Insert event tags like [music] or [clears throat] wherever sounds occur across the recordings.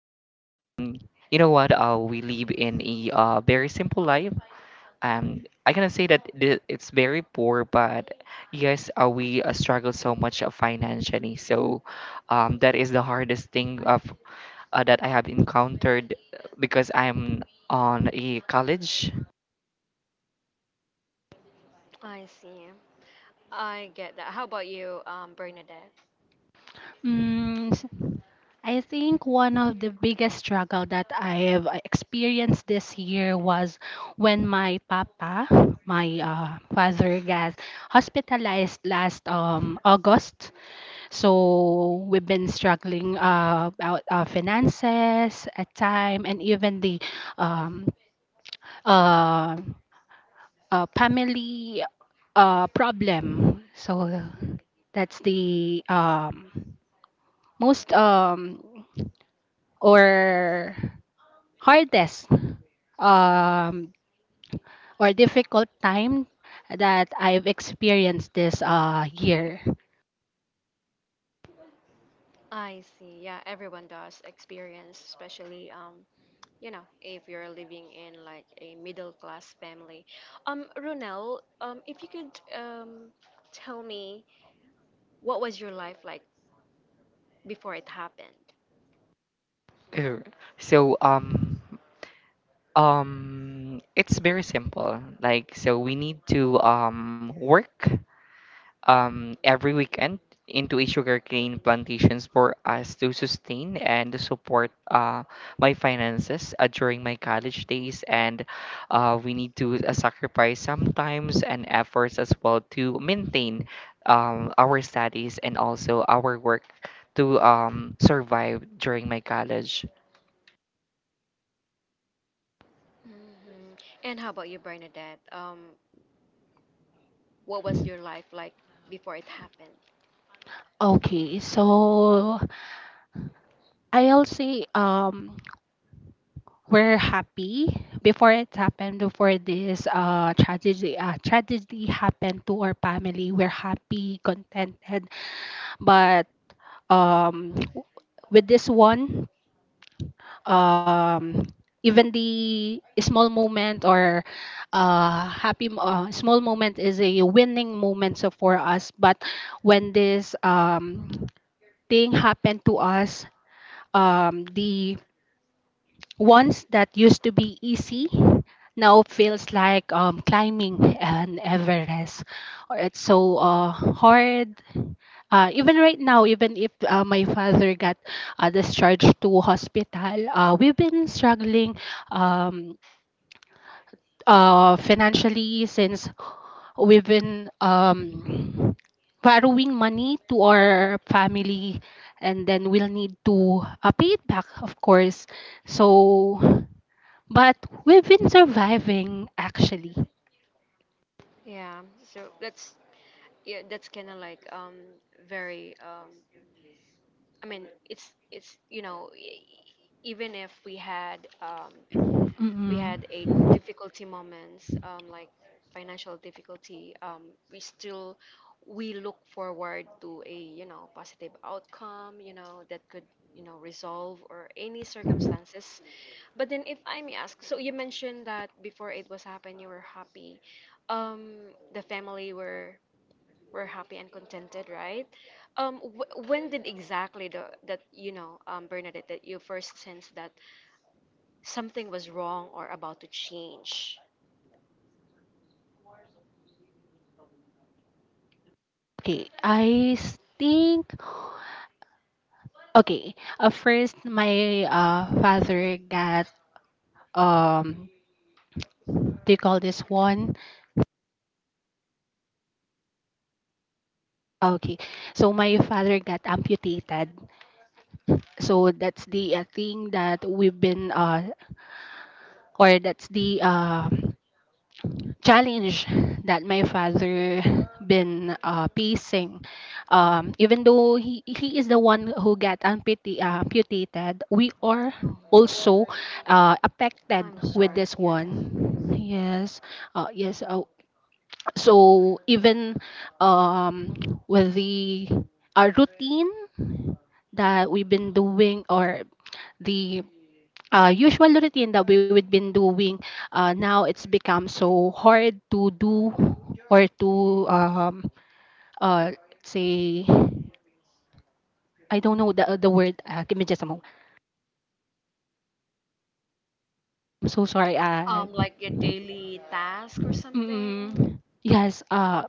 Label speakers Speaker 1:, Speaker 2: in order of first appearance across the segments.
Speaker 1: So um you know what we live in a very simple life. I cannot say that it's very poor, but yes, we struggle so much financially. So that is the hardest thing that I have encountered because I'm on a college.
Speaker 2: I see. I get that. How about you, Bernadette?
Speaker 3: Mm, s- I think one of the biggest struggle that I have experienced this year was when my papa, my father, got hospitalized last August. So we've been struggling about our finances at time and even the um, uh, family problem. So that's the most or hardest um, or difficult time that I've experienced this year.
Speaker 2: I see, yeah, everyone does experience, especially you know, if you're living in like a middle class family. Ronel, if you could tell me, what was your life like before it happened?
Speaker 1: Uh, So um um it's very simple. Like so we need to work every weekend into a sugarcane plantations for us to sustain and support my finances during my college days, and we need to sacrifice sometimes and efforts as well to maintain our studies and also our work to survive during my college.
Speaker 2: Hmm. And how about you, Bernadette? What was your life like before it happened?
Speaker 3: Okay, so I'll say we're happy before it happened, before this tragedy tragedy happened to our family. We're happy, contented, but um w- with this one, um even the small moment or small moment is a winning moment, so for us. But when this thing happened to us, the once that used to be easy now feels like climbing an Everest. Or it's so hard. Even right now, even if my father got discharged to hospital, we've been struggling um, financially since we've been borrowing money to our family, and then we'll need to pay it back, of course. So, but we've been surviving actually.
Speaker 2: Yeah, so that's yeah that's kind of like very I mean, it's you know, even if we had we had a
Speaker 3: Mm-mm.
Speaker 2: difficulty moments, like financial difficulty, we still, we look forward to, a you know, positive outcome, you know, that could, you know, resolve or any circumstances. But then, if I may ask, so you mentioned that before it was happened, you were happy, um the family were happy and contented, right? When did exactly the, that you know, Bernadette, that you first sensed that something was wrong or about to change?
Speaker 3: Okay, I s- think okay. First, my father got um do you call this one? Okay, so my father got amputated. So that's the thing that we've been or that's the challenge that my father been facing. Even though he, is the one who got amputated, we are
Speaker 2: Oh,
Speaker 3: also affected
Speaker 2: I'm
Speaker 3: with
Speaker 2: sorry
Speaker 3: this
Speaker 2: to hear that.
Speaker 3: one.
Speaker 2: Mm.
Speaker 3: Yes, uh, yes. Uh, so even um, with the routine that we've been doing, or the usual routine that we would been doing, now it's become so hard to do or to uh say. I don't know the word. Give me just a moment. I'm so sorry.
Speaker 2: Like your daily task or
Speaker 3: Mm,
Speaker 2: something.
Speaker 3: yes,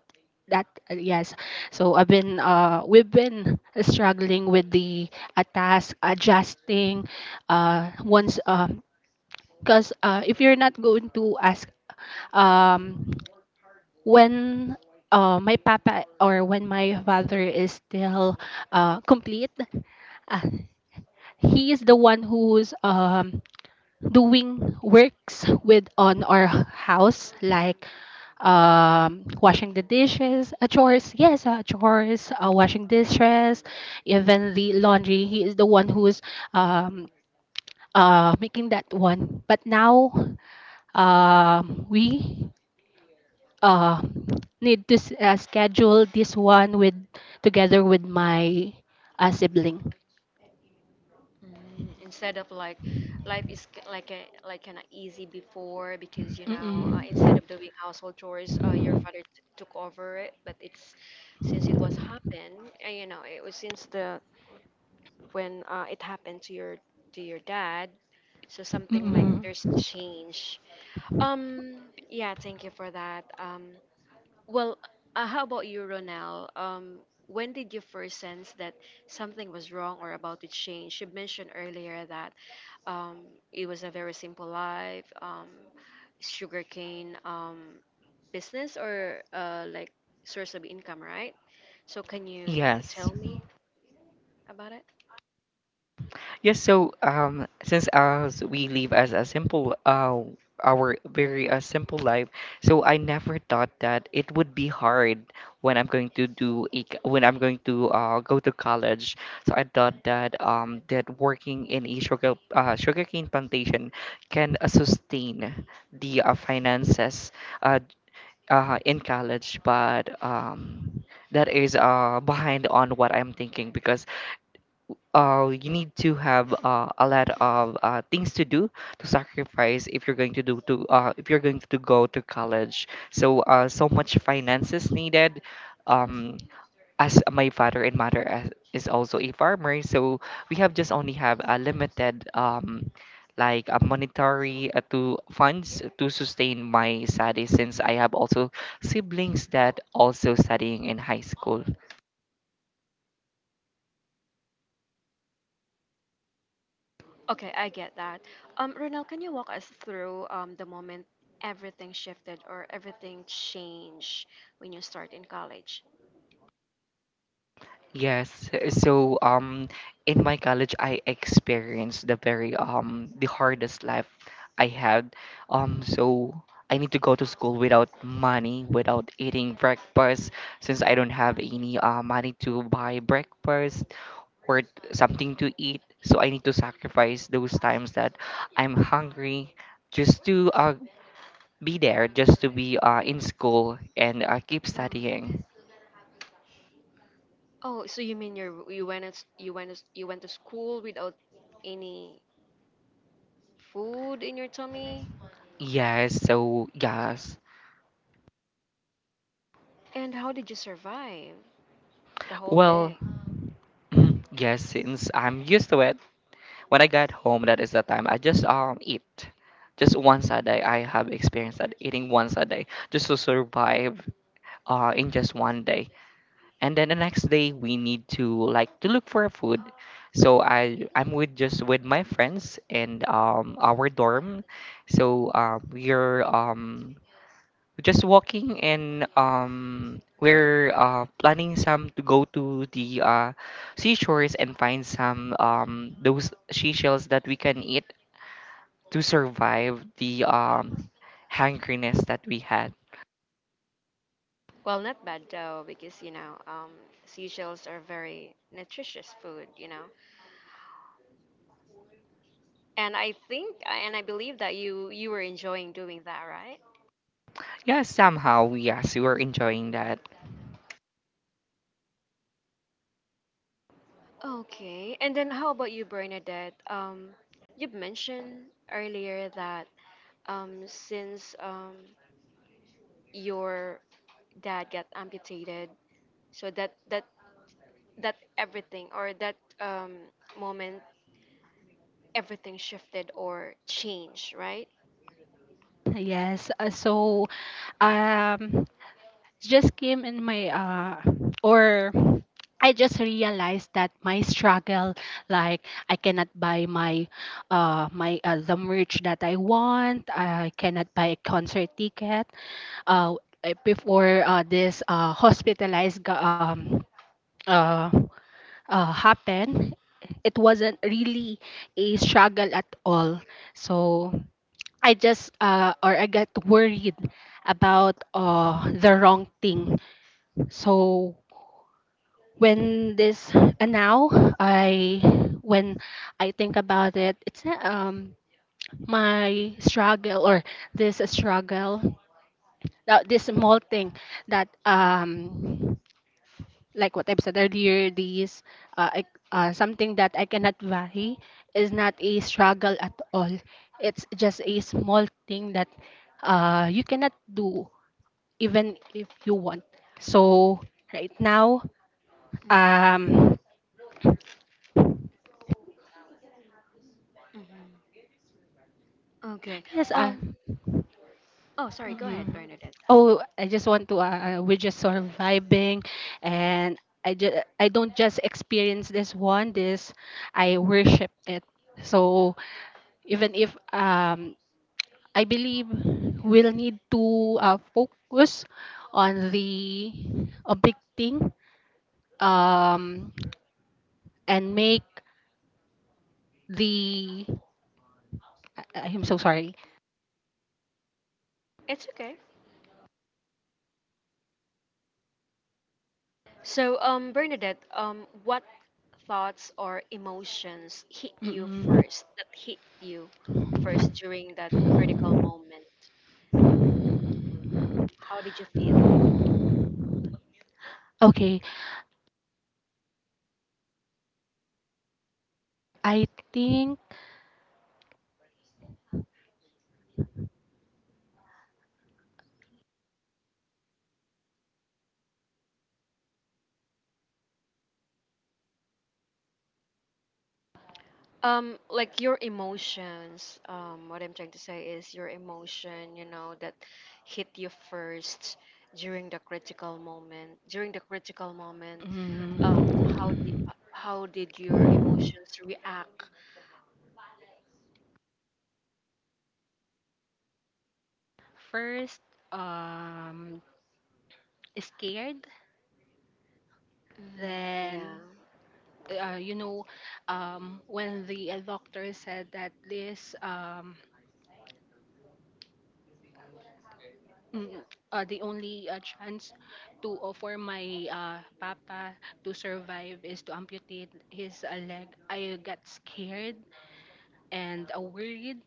Speaker 3: that yes. So I've been we've been struggling with the task adjusting once because, if you're not going to ask um when my papa, or when my father is still complete, uh, he is the one who's doing works with on our house, like washing the dishes, chores, yes, washing dishes, even the laundry. He is the one who's um, making that one. But now, we uh schedule this one with together with my sibling.
Speaker 2: Mm, instead of like, life is like, a like kind of easy before, because you know, instead
Speaker 3: Mm-mm.
Speaker 2: of doing household chores, your father took over it. But it's since it was happened, you know, it was since the when, it happened to your, to your dad, so something like
Speaker 3: Mm-mm.
Speaker 2: there's change. Um, yeah, thank you for that. Well, how about you, Ronel? When did you first sense that something was wrong or about to change? You mentioned earlier that um, it was a very simple life, sugarcane business or like source of income, right? So can you
Speaker 1: Yes.
Speaker 2: tell me about it?
Speaker 1: Yes, so since as we live as a simple our very simple life, so I never thought that it would be hard when I'm going to do a, when I'm going to go to college. So I thought that that working in a sugarcane plantation can sustain the finances uh, in college, but that is behind on what I'm thinking, because you need to have a lot of things to do, to sacrifice if you're going to do to if you're going to go to college. So so much finances needed. Um, as my father and mother is also a farmer, so we have just only have a limited like a monetary to funds to sustain my studies, since I have also siblings that also studying in high school.
Speaker 2: Okay, I get that. Ronald, can you walk us through the moment everything shifted or everything changed when you start in college?
Speaker 1: Yes, so in my college I experienced the very the hardest life I had. Um so I need to go to school without money, without eating breakfast, since I don't have any money to buy breakfast or something to eat. So I need to sacrifice those times that I'm hungry just to be there, just to be in school and keep
Speaker 2: Hmm.
Speaker 1: studying.
Speaker 2: Oh, so you mean you, you went you went to school without any food in your tummy?
Speaker 1: Yes, so yes.
Speaker 2: And how did you survive the whole
Speaker 1: Well, [clears throat]
Speaker 2: day?
Speaker 1: Yes, since I'm used to it, when I get home, that is the time I just eat. Just once a day. I have experienced that eating once a day just to survive in just 1 day. And then the next day, we need to like to look for a food. So I'm with just with my friends and our dorm. We're just walking and we're planning some to go to the seashores and find some those seashells that we can eat to survive the hankeriness that we had.
Speaker 2: Well, not bad though, because you know, seashells are very nutritious food, you know. And I think, and I believe that you were enjoying doing that, right?
Speaker 1: Yes, somehow yes, we were enjoying that.
Speaker 2: Okay. And then how about you, Bernadette? You mentioned earlier that since your dad got amputated, so that everything, or that moment, everything shifted or changed, right?
Speaker 3: Yes. So um just came in my or I just realized that my struggle, like I cannot buy my, the merch that I want. I cannot buy a concert ticket. Uh, Before this uh, happen. It wasn't really a struggle at all. So I just or I got worried about the wrong thing. So when this and now, I when I think about it, it's not my struggle or this struggle, this small thing that, like what I've said earlier, these uh, I, something that I cannot vary is not a struggle at all. It's just a small thing that you cannot do even if you want. So right now,
Speaker 2: Mm-hmm.
Speaker 3: um,
Speaker 2: Mm-hmm. Okay.
Speaker 3: yes,
Speaker 2: Um. Oh, sorry. Go
Speaker 3: mm
Speaker 2: ahead, Bernadette.
Speaker 3: oh, I just want to. We're just surviving, and I just I don't just experience this one. This I worship it. So even if I believe we'll need to focus on the a big thing, um, and make the I'm so sorry.
Speaker 2: It's okay. So, Bernadette, what thoughts or emotions hit you
Speaker 3: Mm-mm.
Speaker 2: first, that hit you first during that critical moment? How did you feel?
Speaker 3: Okay, I think
Speaker 2: Like your emotions, what I'm trying to say is your emotion, you know, that hit you first during the critical moment. During the critical moment, how did,
Speaker 3: mm,
Speaker 2: how did your emotions react?
Speaker 3: first um scared,
Speaker 2: Mm, yeah.
Speaker 3: then you know, when the doctor said that this mm, the only chance to for my papa to survive is to amputate his leg. I got scared and worried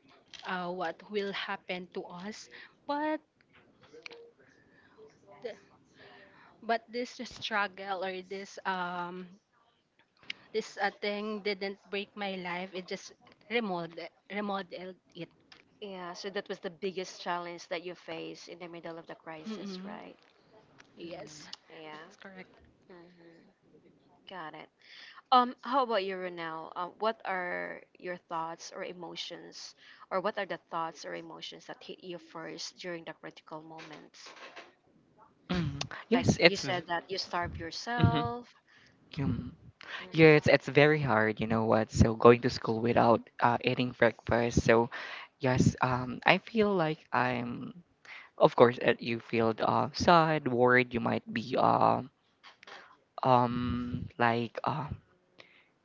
Speaker 3: what will happen to us. But this struggle, or this this thing didn't break my life. It just remodeled it.
Speaker 2: Yeah, so that was the biggest challenge that you face in the middle of the crisis,
Speaker 3: Mm-mm.
Speaker 2: right? Mm,
Speaker 3: Yes, that
Speaker 2: yeah.
Speaker 3: is correct.
Speaker 2: Hmm. Got it. How about you, Ronel? What are your thoughts or emotions, or what are the thoughts or emotions that hit you first during the critical moments?
Speaker 1: Mm,
Speaker 2: Like
Speaker 1: Yes,
Speaker 2: you
Speaker 1: it's v-
Speaker 2: said that you starve
Speaker 1: mhm,
Speaker 2: yourself.
Speaker 1: yum.
Speaker 2: Mhm.
Speaker 1: Yes, it's very hard, you know what? So going to school without eating breakfast. So yes, I feel like I'm, of course you feel sad, worried, you might be um like uh,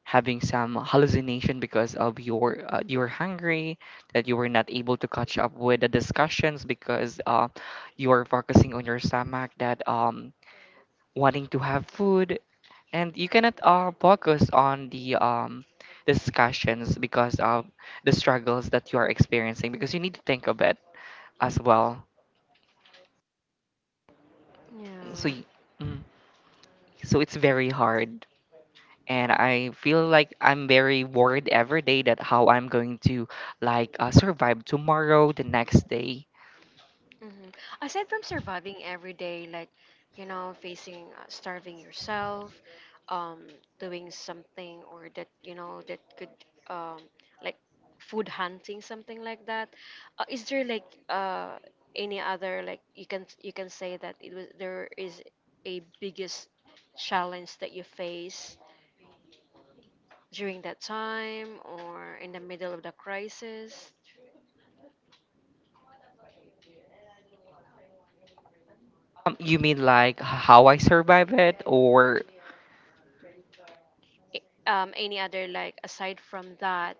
Speaker 1: having some hallucination because of your you were hungry, that you were not able to catch up with the discussions, because you are focusing on your stomach, that wanting to have food, and you cannot focus on the discussions because of the struggles that you are experiencing, because you need to think of it as well.
Speaker 2: Yeah.
Speaker 1: so y- mm, so it's very hard, and I feel like I'm very worried every day that how I'm going to like survive tomorrow, the next day.
Speaker 2: Hmm. Aside from surviving every day, like, you know, facing, starving yourself, um, doing something or that, you know, that could, um, like food hunting, something like that. Is there like uh, any other, like you can, you can say that it was, there is a biggest challenge that you face during that time or in the middle of the crisis?
Speaker 1: You mean like how I survive it, or
Speaker 2: Any other like aside from that?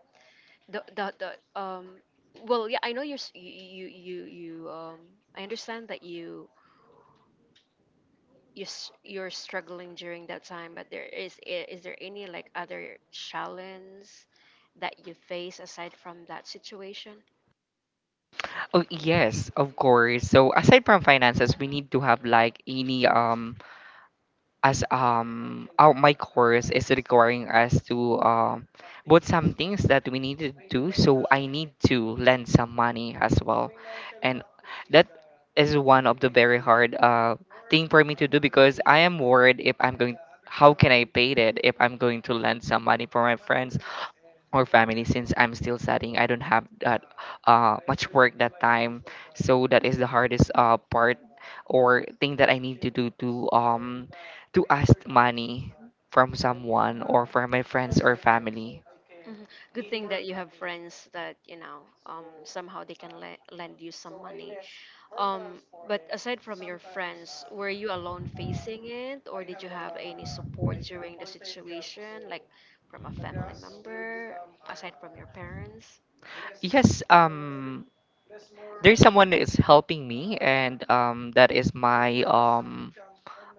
Speaker 2: The Well, yeah, I know you're you, I understand that you, you're struggling during that time, but there is, is there any like other challenge that you face aside from that situation?
Speaker 1: oh yes, of course. So aside from finances, we need to have like any as out my course is requiring us to both some things that we need to do, so I need to lend some money as well, and that is one of the very hard thing for me to do, because I am worried if I'm going, how can I pay it if I'm going to lend some money for my friends or family, since I'm still studying. I don't have that much work that time, so that is the hardest part or thing that I need to do to ask money from someone or from my friends or family.
Speaker 2: Mhm. Good thing that you have friends that, you know, somehow they can lend you some money. Um, but aside from your friends, were you alone facing it, or did you have any support during the situation, like from a family member, aside from your parents?
Speaker 1: Yes, there's someone that is helping me, and that is my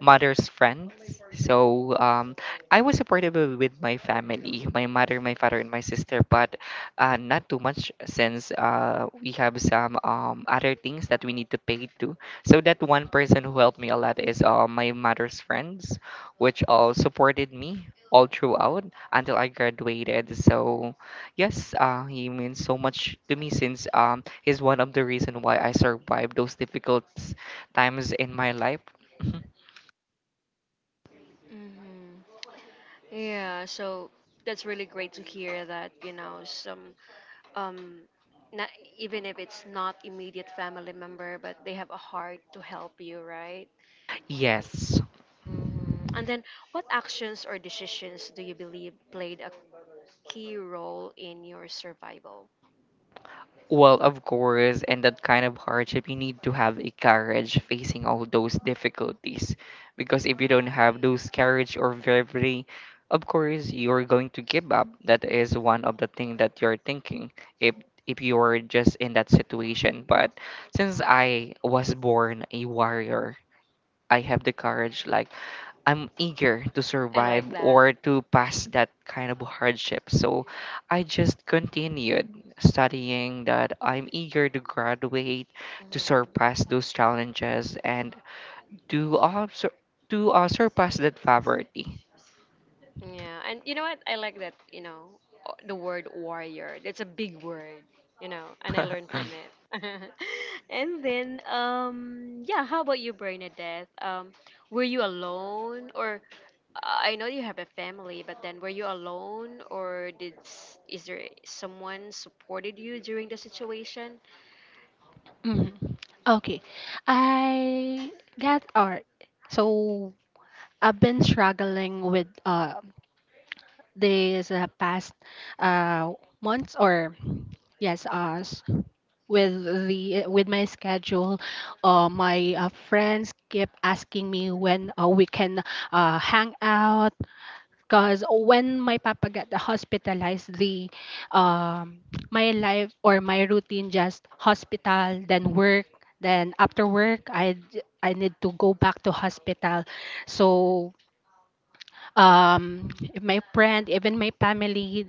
Speaker 1: mother's friends. So I was supportive with my family, my mother, my father, and my sister, but not too much, since we have some other things that we need to pay to. So that one person who helped me a lot is my mother's friends, which all supported me all throughout until I graduated. So yes, he means so much to me, since he's one of the reason why I survived those difficult times in my life.
Speaker 2: Hmm. Yeah, so that's really great to hear that, you know, some um not, even if it's not immediate family member, but they have a heart to help you, right?
Speaker 1: Yes.
Speaker 2: Hmm. And then what actions or decisions do you believe played a key role in your survival?
Speaker 1: Well, of course, in that kind of hardship, you need to have a courage facing all those difficulties. Because if you don't have those courage or bravery, of course, you're going to give up. That is one of the things that you're thinking, if you're just in that situation. But since I was born a warrior, I have the courage like I'm eager to
Speaker 2: I
Speaker 1: survive
Speaker 2: like that.
Speaker 1: or to pass that kind of hardship. So I just continued studying, that I'm eager to graduate, to surpass those challenges, and to uh, sur- to surpass that poverty.
Speaker 2: Yeah, and you know what? I like that, you know, the word warrior. It's a big word, you know, and I learned from
Speaker 1: [laughs]
Speaker 2: it. [laughs] And then, yeah, how about you, Bernadette? Were you alone, or I know you have a family, but then were you alone, or did is there someone supported you during the situation?
Speaker 3: Mhm. Okay. I get art. So I've been struggling with this past uh months, or yes us with the with my schedule. My friends keep asking me when we can hang out, because when my papa got hospitalized, the um, my life or my routine, just hospital, then work, then after work, I need to go back to hospital. So if my friend, even my family,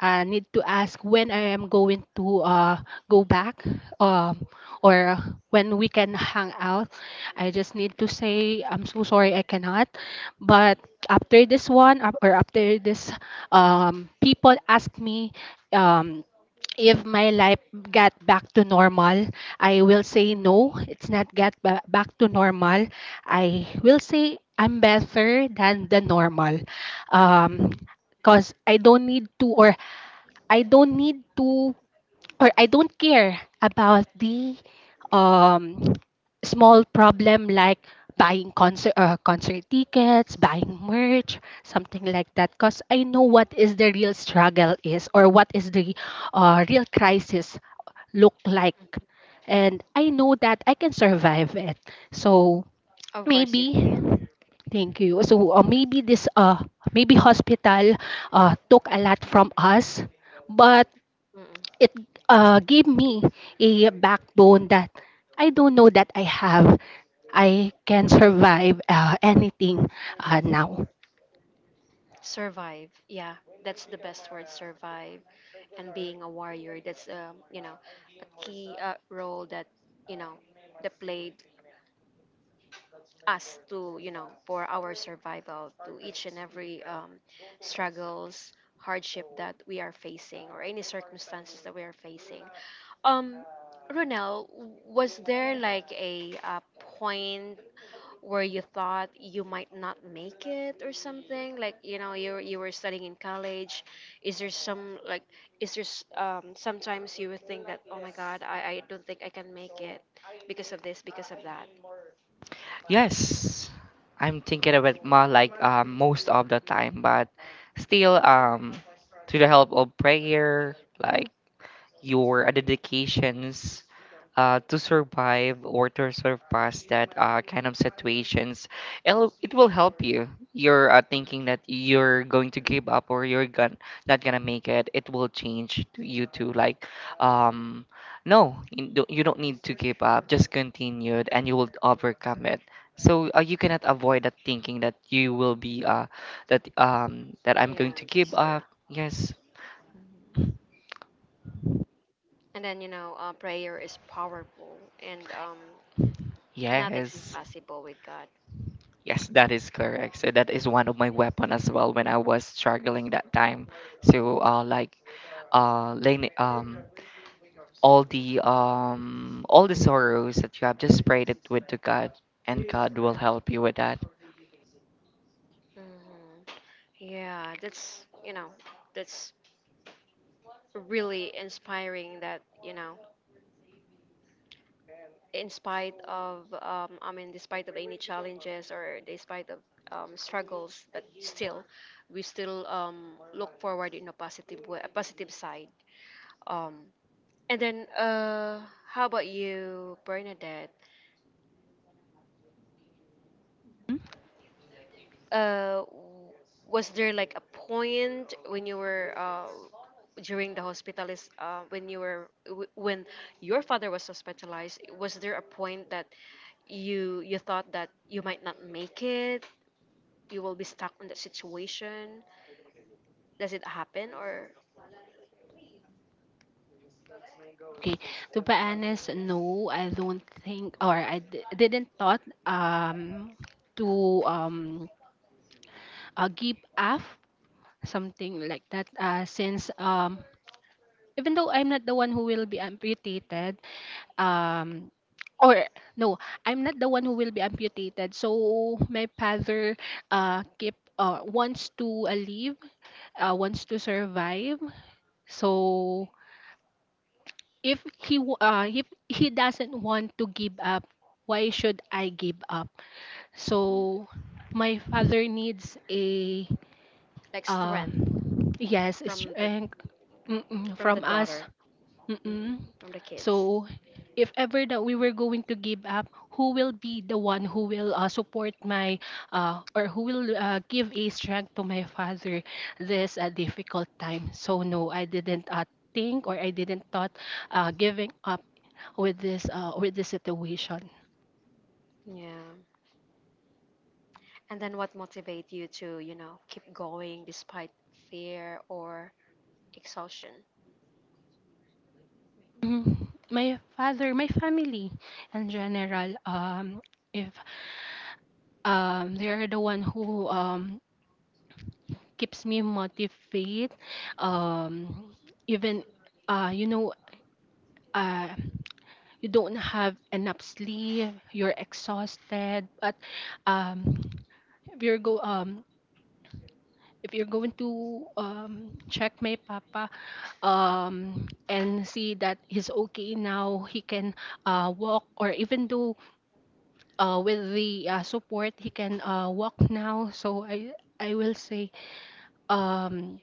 Speaker 3: need to ask when I am going to go back, um, or when we can hang out, I just need to say I'm so sorry, I cannot. But after this one, or after this people ask me, um, if my life got back to normal, I will say no, it's not get back to normal. I will say I'm better than the normal. Um, 'cause I don't need to, or I don't need to, or I don't care about the um, small problem, like buying concert tickets, buying merch, something like that. 'Cause I know what is the real struggle is, or what is the real crisis look like, and I know that I can survive it. So
Speaker 2: Of course, you
Speaker 3: maybe.
Speaker 2: can.
Speaker 3: Thank you. So maybe this maybe hospital took a lot from us, but
Speaker 2: Mm-mm.
Speaker 3: it gave me a backbone that I don't know that I have. I can survive anything now.
Speaker 2: Survive. Yeah, that's the best word. Survive. And being a warrior, that's you know, a key role that, you know, they played us to, you know, for our survival to each and every struggles, hardship that we are facing or any circumstances that we are facing. um Ronel, was there like a, point where you thought you might not make it, or something like, you know, you were studying in college, is there some like, is there, sometimes you would think that, oh my god, I don't think I can make it because of this, because of that?
Speaker 1: Yes, I'm thinking of it more like most of the time, but still, to the help of prayer, like your dedications to survive or to surpass that kind of situations. It will help you. You're thinking that you're going to give up, or not gonna make it. It will change to you to like, um, no, you don't need to give up. Just continue it and you will overcome it. So you cannot avoid that thinking that you will be that I'm going
Speaker 2: Yeah,
Speaker 1: to give
Speaker 2: that's true.
Speaker 1: up. Yes,
Speaker 2: Mhm. And then, you know, prayer is powerful, and nothing's
Speaker 1: yes.
Speaker 2: impossible with God.
Speaker 1: Yes, that is correct. So that is one of my weapon as well when I was struggling that time. So like laying all the sorrows that you have, just prayed it with to God, and God will help you with that.
Speaker 2: Hmm, yeah, that's, you know, that's really inspiring that, you know, in spite of, I mean, despite of any challenges or despite of struggles, but still we still, look forward in a positive way, a positive side. um, and then, how about you, Bernadette? uh, w- was there like a point when you were, during the hospitalist, when you were when your father was hospitalized, was there a point that you thought that you might not make it, you will be stuck in that situation? Does it happen, or,
Speaker 3: Okay, to be honest, no, I don't think, or I didn't thought to give up, something like that. Since even though I'm not the one who will be amputated, um or no, I'm not the one who will be amputated. So my father keep wants to live, wants to survive. So if he if he doesn't want to give up, why should I give up? So my father needs a
Speaker 2: like strength
Speaker 3: yes,
Speaker 2: from the,
Speaker 3: strength.
Speaker 2: from the
Speaker 3: From us.
Speaker 2: daughter, mm,
Speaker 3: Mm-mm.
Speaker 2: from the kids?
Speaker 3: So, if ever that we were going to give up, who will be the one who will support my or who will give a strength to my father this difficult time? So no, I didn't think, or I didn't thought giving up with this situation.
Speaker 2: Yeah. And then what motivate you to, you know, keep going despite fear or exhaustion?
Speaker 3: Mhm. My father, my family in general, if they are the one who keeps me motivated. Um, even you know, uh, you don't have enough sleep, you're exhausted, but um, if you're go um, if you're going to check my papa and see that he's okay now, he can walk, or even though with the support, he can walk now. So I will say. Um,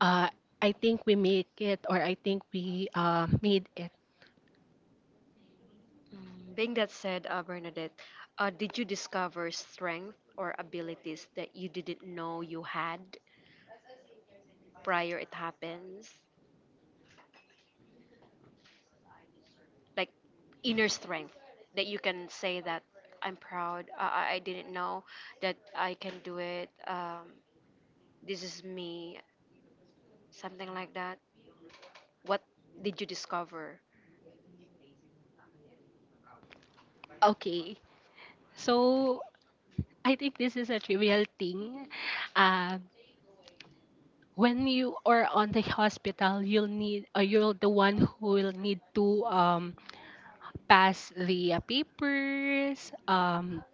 Speaker 3: Uh, I think we make it, or I think we made it.
Speaker 2: Mm, being that said, Bernadette, did you discover strength or abilities that you didn't know you had prior it happens? Like inner strength that you can say that I'm proud. I didn't know that I can do it. This is me, something like that. What did you discover?
Speaker 3: Okay. So I think this is a trivial thing. Uh, when you are on the hospital, you'll need, or you're the one who will need to pass the papers.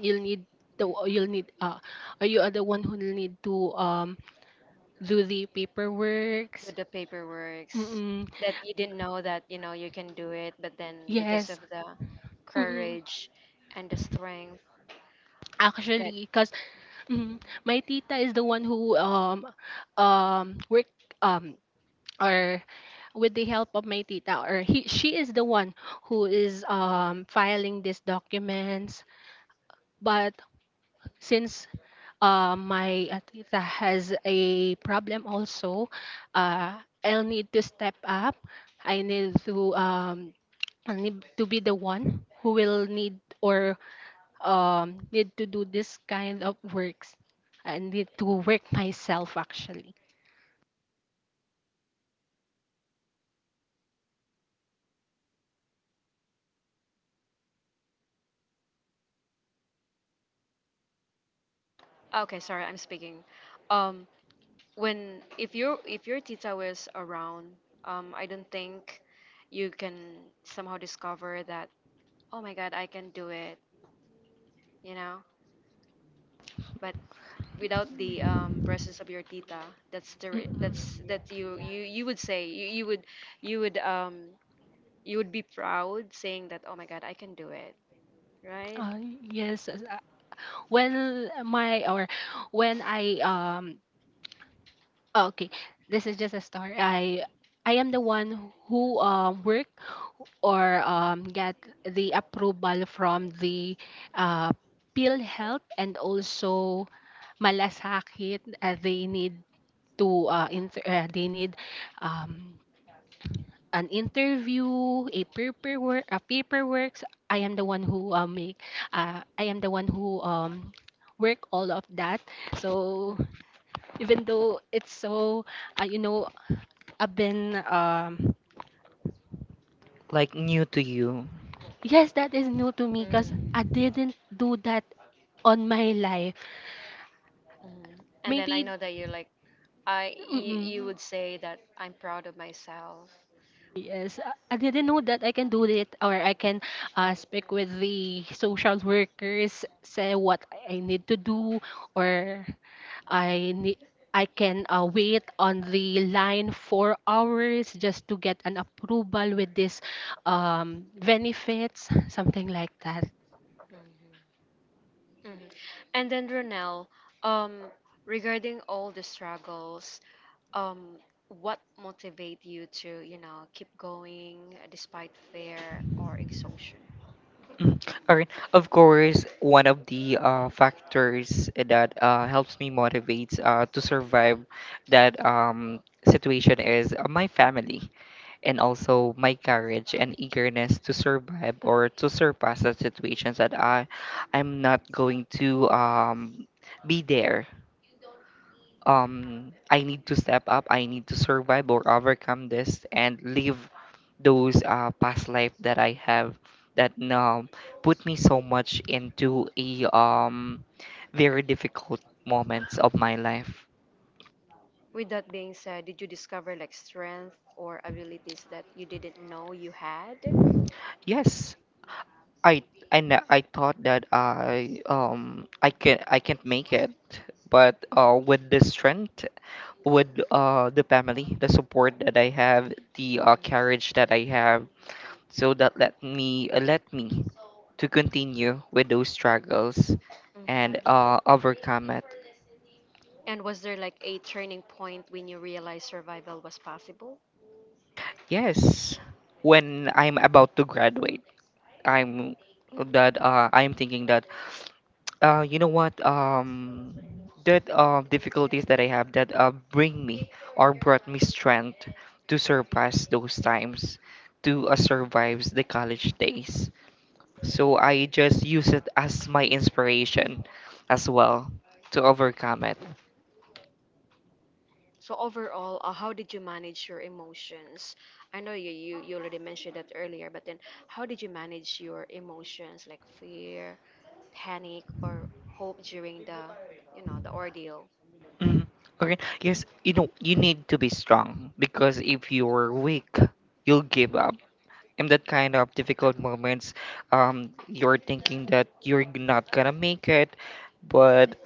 Speaker 3: You'll need the you'll need or you are the one who will need to do the paperwork.
Speaker 2: Do the paperworks
Speaker 3: Mm-mm.
Speaker 2: that you didn't know that, you know, you can do it, but then because of
Speaker 3: Yes.
Speaker 2: the
Speaker 3: Mm-mm.
Speaker 2: courage and the strength that,
Speaker 3: Actually, because Mm. My tita is the one who work um or with the help of my tita, or he she is the one who is filing these documents. But since my tita has a problem also, I'll need to step up. I need to um I need to be the one who will need, or need to do this kind of works. I need to work myself actually.
Speaker 2: okay, sorry, I'm speaking. Um, when, if your, if your tita was around, I don't think you can somehow discover that, oh my god, I can do it, you know. But without the presence of your tita, that's the
Speaker 3: Mm-mm.
Speaker 2: that's that you would say you, you would, you would you would be proud saying that, oh my god, I can do it, right?
Speaker 3: Uh, yes. Well, my or when I oh, okay, this is just a story. I am the one who work, or get the approval from the uh pill health and also Malasakit. They need to they need um an interview, a paperwork. I am the one who make. I am the one who work all of that.
Speaker 2: Mm,
Speaker 3: So even though it's so, you know, I've been
Speaker 1: Like new to you.
Speaker 3: yes, that is new to me because I didn't do that on my life.
Speaker 2: mm. And then I
Speaker 3: Maybe.
Speaker 2: know that you're like, I you, you
Speaker 3: Mm-mm.
Speaker 2: would say that I'm proud of myself.
Speaker 3: Yes, I didn't know that I can do it, or I can speak with the social workers, say what I need to do, or I need I can wait on the line for hours just to get an approval with this benefits, something like that.
Speaker 2: Hmm. And then Ronel, um, regarding all the struggles, um, what motivate you to, you know, keep going despite fear or exhaustion?
Speaker 1: Mm. All right. Of course, one of the factors that helps me motivates to survive that situation is my family, and also my courage and eagerness to survive or to surpass the situations that I'm not going to be there. I need to step up, I need to survive or overcome this and live those past life that I have that now put me so much into a very difficult moments of my life.
Speaker 2: With that being said, did you discover like strength or abilities that you didn't know you had?
Speaker 1: Yes, I I thought that I can I can't make it, but with the strength, with the family, the support that I have, the
Speaker 2: Hmm.
Speaker 1: courage that I have, so that let me to continue with those struggles
Speaker 2: Hmm.
Speaker 1: and overcome it.
Speaker 2: And was there like a turning point when you realized survival was possible?
Speaker 1: Yes, when I'm about to graduate, I'm I'm thinking that you know what? That difficulties that I have that bring me or brought me strength to surpass those times, to survive the college days. So I
Speaker 2: Mhm.
Speaker 1: just use it as my inspiration as well to overcome it.
Speaker 2: So overall, how did you manage your emotions? I know you, you, you already mentioned that earlier, but then how did you manage your emotions like fear, panic, or hope during the, you know, the ordeal?
Speaker 1: Mhm. Okay. Yes, you know you need to be strong, because if you're weak, you'll give up. In that kind of difficult moments, you're thinking that not gonna make it, but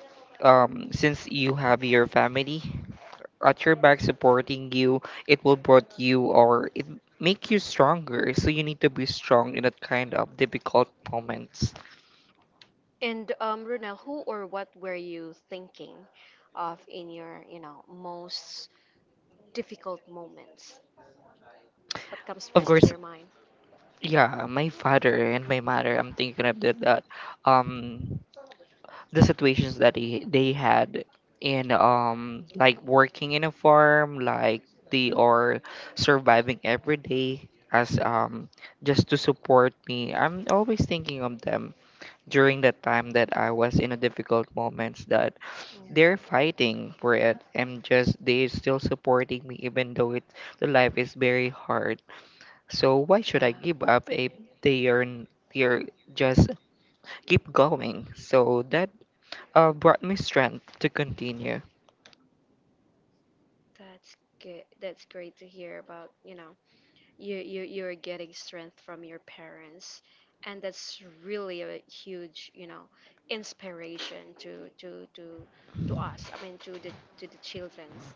Speaker 1: since you have your family at your back supporting you, it will brought you or it make you stronger. So you need to be strong in that kind of difficult moments.
Speaker 2: And Ronel, who or what were you thinking of in your, you know, most difficult moments? What comes
Speaker 1: Of
Speaker 2: first to
Speaker 1: course,
Speaker 2: your mind?
Speaker 1: yeah, my father and my mother. I'm thinking about that. Um, the situations that they had in like working in a farm, like they are surviving every day as
Speaker 2: Mm-hmm.
Speaker 1: just to support me. I'm always thinking of them during the time that I was in a difficult moments, that they're
Speaker 2: Yeah.
Speaker 1: fighting for it, and just they're still supporting me, even though it the life is very hard. So why should I
Speaker 2: Yeah,
Speaker 1: give up if they're just keep going, so that brought me strength to continue.
Speaker 2: that's good. That's great to hear about, you know, you, you're getting strength from your parents, and that's really a huge, you know, inspiration to to us, I mean, to the, to the children's,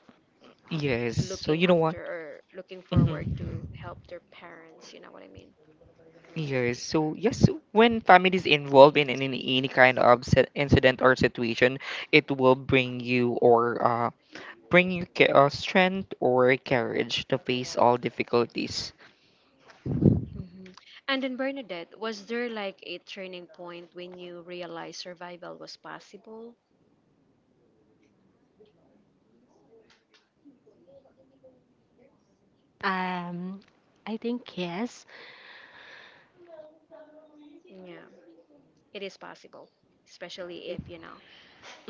Speaker 1: Yes. So
Speaker 2: looking
Speaker 1: you know what?
Speaker 2: after or looking
Speaker 1: Hmm.
Speaker 2: forward to help their parents, you know what I mean.
Speaker 1: Yes. So yes, when family is involved in, any kind of incident or situation, it will bring you, or strength or courage to face all difficulties.
Speaker 2: Hmm. And then Bernadette, was there like a turning point when you realized survival was possible?
Speaker 3: Um, I think yes.
Speaker 2: Yeah, it is possible, especially
Speaker 3: It,
Speaker 2: if you know,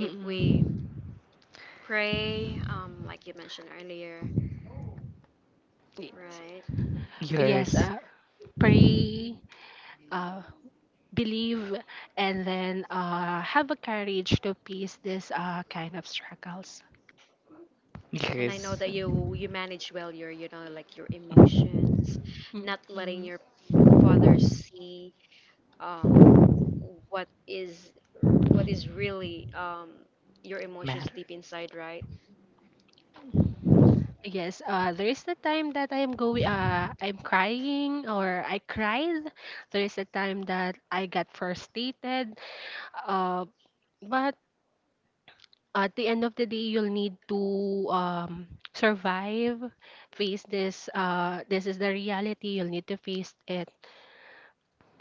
Speaker 3: mm, mm,
Speaker 2: we pray like you mentioned earlier.
Speaker 3: yes,
Speaker 2: Right.
Speaker 3: yes,
Speaker 1: Yes.
Speaker 2: Mm.
Speaker 3: pre. Uh, Believe, and then have a courage to face this kind of struggles.
Speaker 2: And I know
Speaker 1: Yes.
Speaker 2: that you manage well your, you know, like your
Speaker 1: Mhm.
Speaker 2: emotions,
Speaker 3: Mm,
Speaker 2: not letting
Speaker 3: mm.
Speaker 2: your father see um what is, what is really your emotions
Speaker 1: Matter.
Speaker 2: deep inside, right?
Speaker 3: Yes, there is a time that I am going, I'm crying, or I cried. There is a time that I got frustrated. Uh, but at the end of the day, you'll need to survive, face this. This is the reality. You'll need to face it.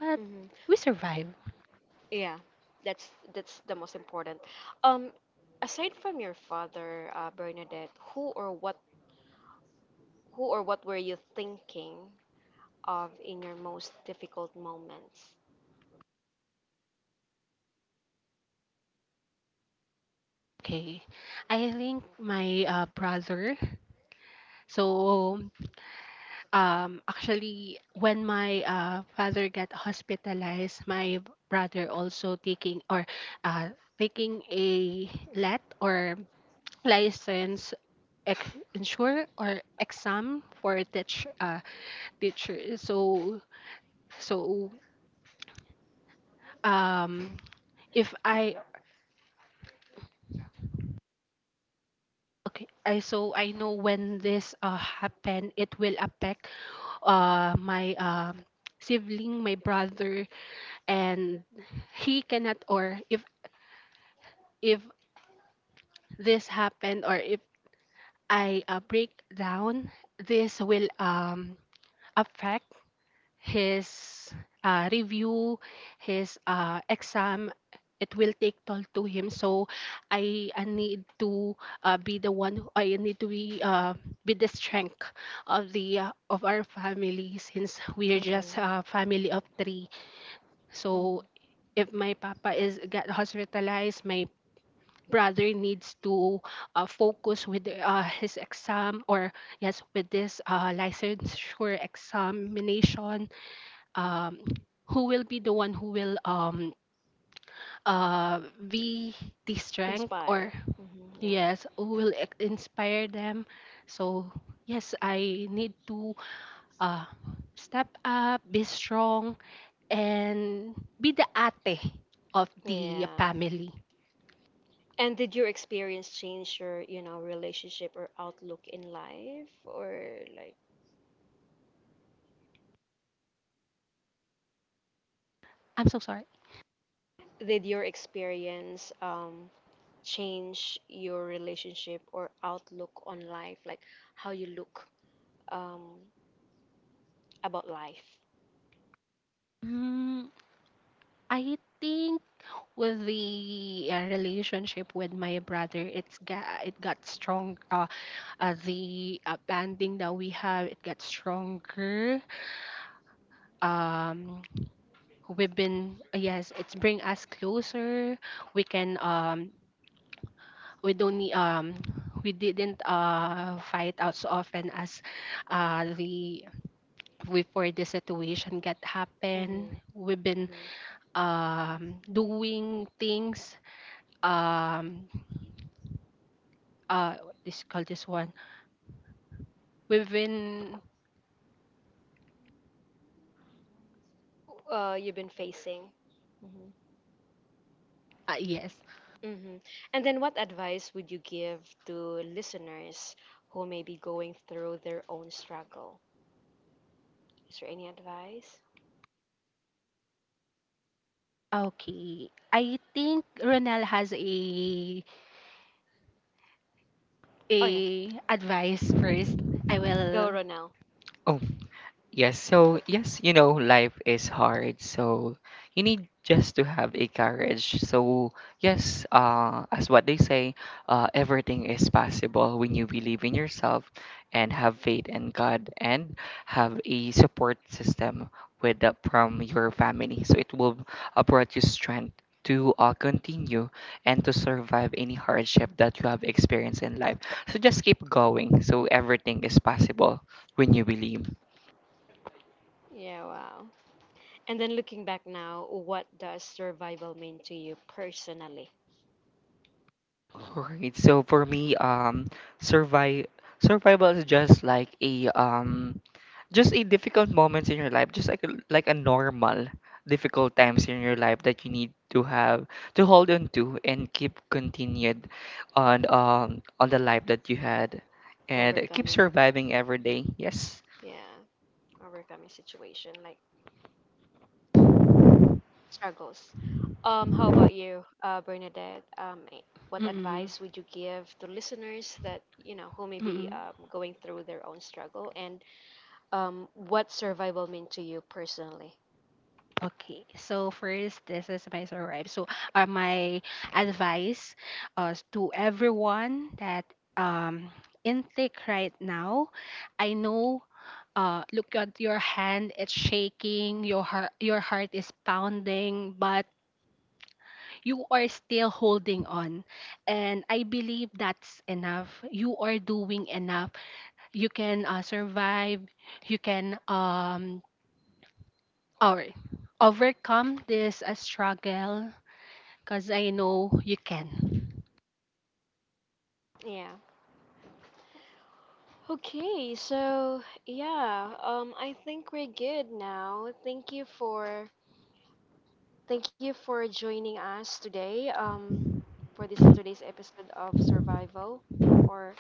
Speaker 3: But
Speaker 2: Mhm.
Speaker 3: we survive.
Speaker 2: Yeah, that's that's the most important. Um, Aside from your father, Bernadette, who or what, who or what were you thinking of in your most difficult moments?
Speaker 3: Okay. I think my brother. So, actually, when my father got hospitalized, my brother also taking, or uh, taking a let, or license ex- insure or exam for teacher. So, so um, if I okay, I so I know when this happen, it will affect my sibling, my brother, and he cannot, or if this happen, or if I break down, this will affect his review, his exam. It will take toll to him. So I need to be the one. Who- I need to be the strength of the of our family since we are
Speaker 2: Mhm.
Speaker 3: just a family of three. So
Speaker 2: Mhm.
Speaker 3: if my papa is got hospitalized, my brother needs to focus with his exam, or yes, with this licensure examination. um, who will be the one who will uh be the strength?
Speaker 2: Inspire.
Speaker 3: Or
Speaker 2: Hmm, yeah.
Speaker 3: yes, who will inspire them? So yes, I need to uh step up, be strong, and be the ate of
Speaker 2: Yeah.
Speaker 3: the family.
Speaker 2: And did your experience change your, you know, relationship or outlook in life? Or like,
Speaker 3: I'm so sorry.
Speaker 2: did your experience change your relationship or outlook on life? Like, how you look um, about life?
Speaker 3: mm, I think with the relationship with my brother, it's got, it got strong, the banding that we have, it got stronger. um we've been, yes, it's bring us closer. We can we don't need we didn't fight out so often as the before the situation get happen.
Speaker 2: Mm-hmm.
Speaker 3: We've been
Speaker 2: Mm-hmm.
Speaker 3: doing things um what this call this one within.
Speaker 2: You've been facing. Mm-hmm.
Speaker 3: Yes.
Speaker 2: Mm-hmm. And then, what advice would you give to listeners who may be going through their own struggle? Is there any advice?
Speaker 3: Okay, I think Ronel has a
Speaker 2: Oh yeah,
Speaker 3: advice first. I
Speaker 2: go
Speaker 3: will.
Speaker 2: Ronel.
Speaker 1: Oh, yes, so yes, you know, life is hard, so you need just to have a courage. So yes, as what they say, everything is possible when you believe in yourself, and have faith in God, and have a support system with the, from your family. So it will brought you strength to continue and to survive any hardship that you have experienced in life. So just keep going. So everything is possible when you believe.
Speaker 2: Yeah, wow. And then looking back now, what does survival mean to you personally?
Speaker 1: Alright, so for me, survive survival is just like a just a difficult moments in your life, just like a normal difficult times in your life that you need to have, to hold on to and keep continued on the life that you had, and keep
Speaker 2: Overcoming,
Speaker 1: surviving every day. Yes.
Speaker 2: yeah, overcoming situation like struggles. How about you, Bernadette? What
Speaker 3: mm-mm,
Speaker 2: advice would you give to listeners that, you know, who may be,
Speaker 3: mm-mm.
Speaker 2: going through their own struggle, and what survival mean to you personally?
Speaker 3: Okay, so first, this is my survive. So my advice to everyone that um intake right now, I know, look at your hand, it's shaking, your heart is pounding, but you are still holding on. And I believe that's enough. You are doing enough. You can survive. You can or overcome this struggle, because I know you can.
Speaker 2: Yeah. Okay, so yeah, I think we're good now. Thank you for joining us today. For this today's episode of survival, or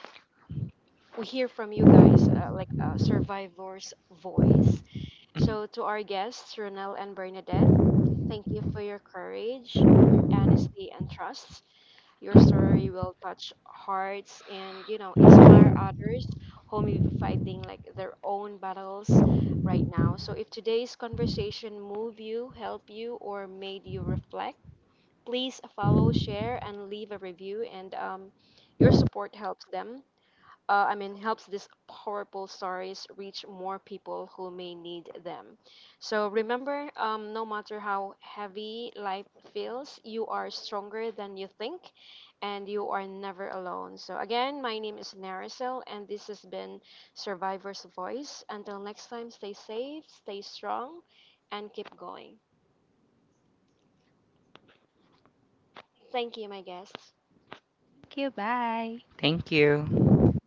Speaker 2: we hear from you guys, like a survivor's voice.
Speaker 1: Mhm.
Speaker 2: So to our guests, Ronel and Bernadette, thank you for your courage, honesty, and trust. Your story will touch hearts and, you know, inspire others who may be fighting like their own battles right now. So if today's conversation moved you, helped you, or made you reflect, please follow, share, and leave a review. And your support helps them, I mean, helps these powerful stories reach more people who may need them. So remember, no matter how heavy life feels, you are stronger than you think, and you are never alone. So again, my name is Naricel, and this has been Survivor's Voice. Until next time, stay safe, stay strong, and keep going. Thank you, my guests.
Speaker 3: Thank you. Bye.
Speaker 1: Thank you.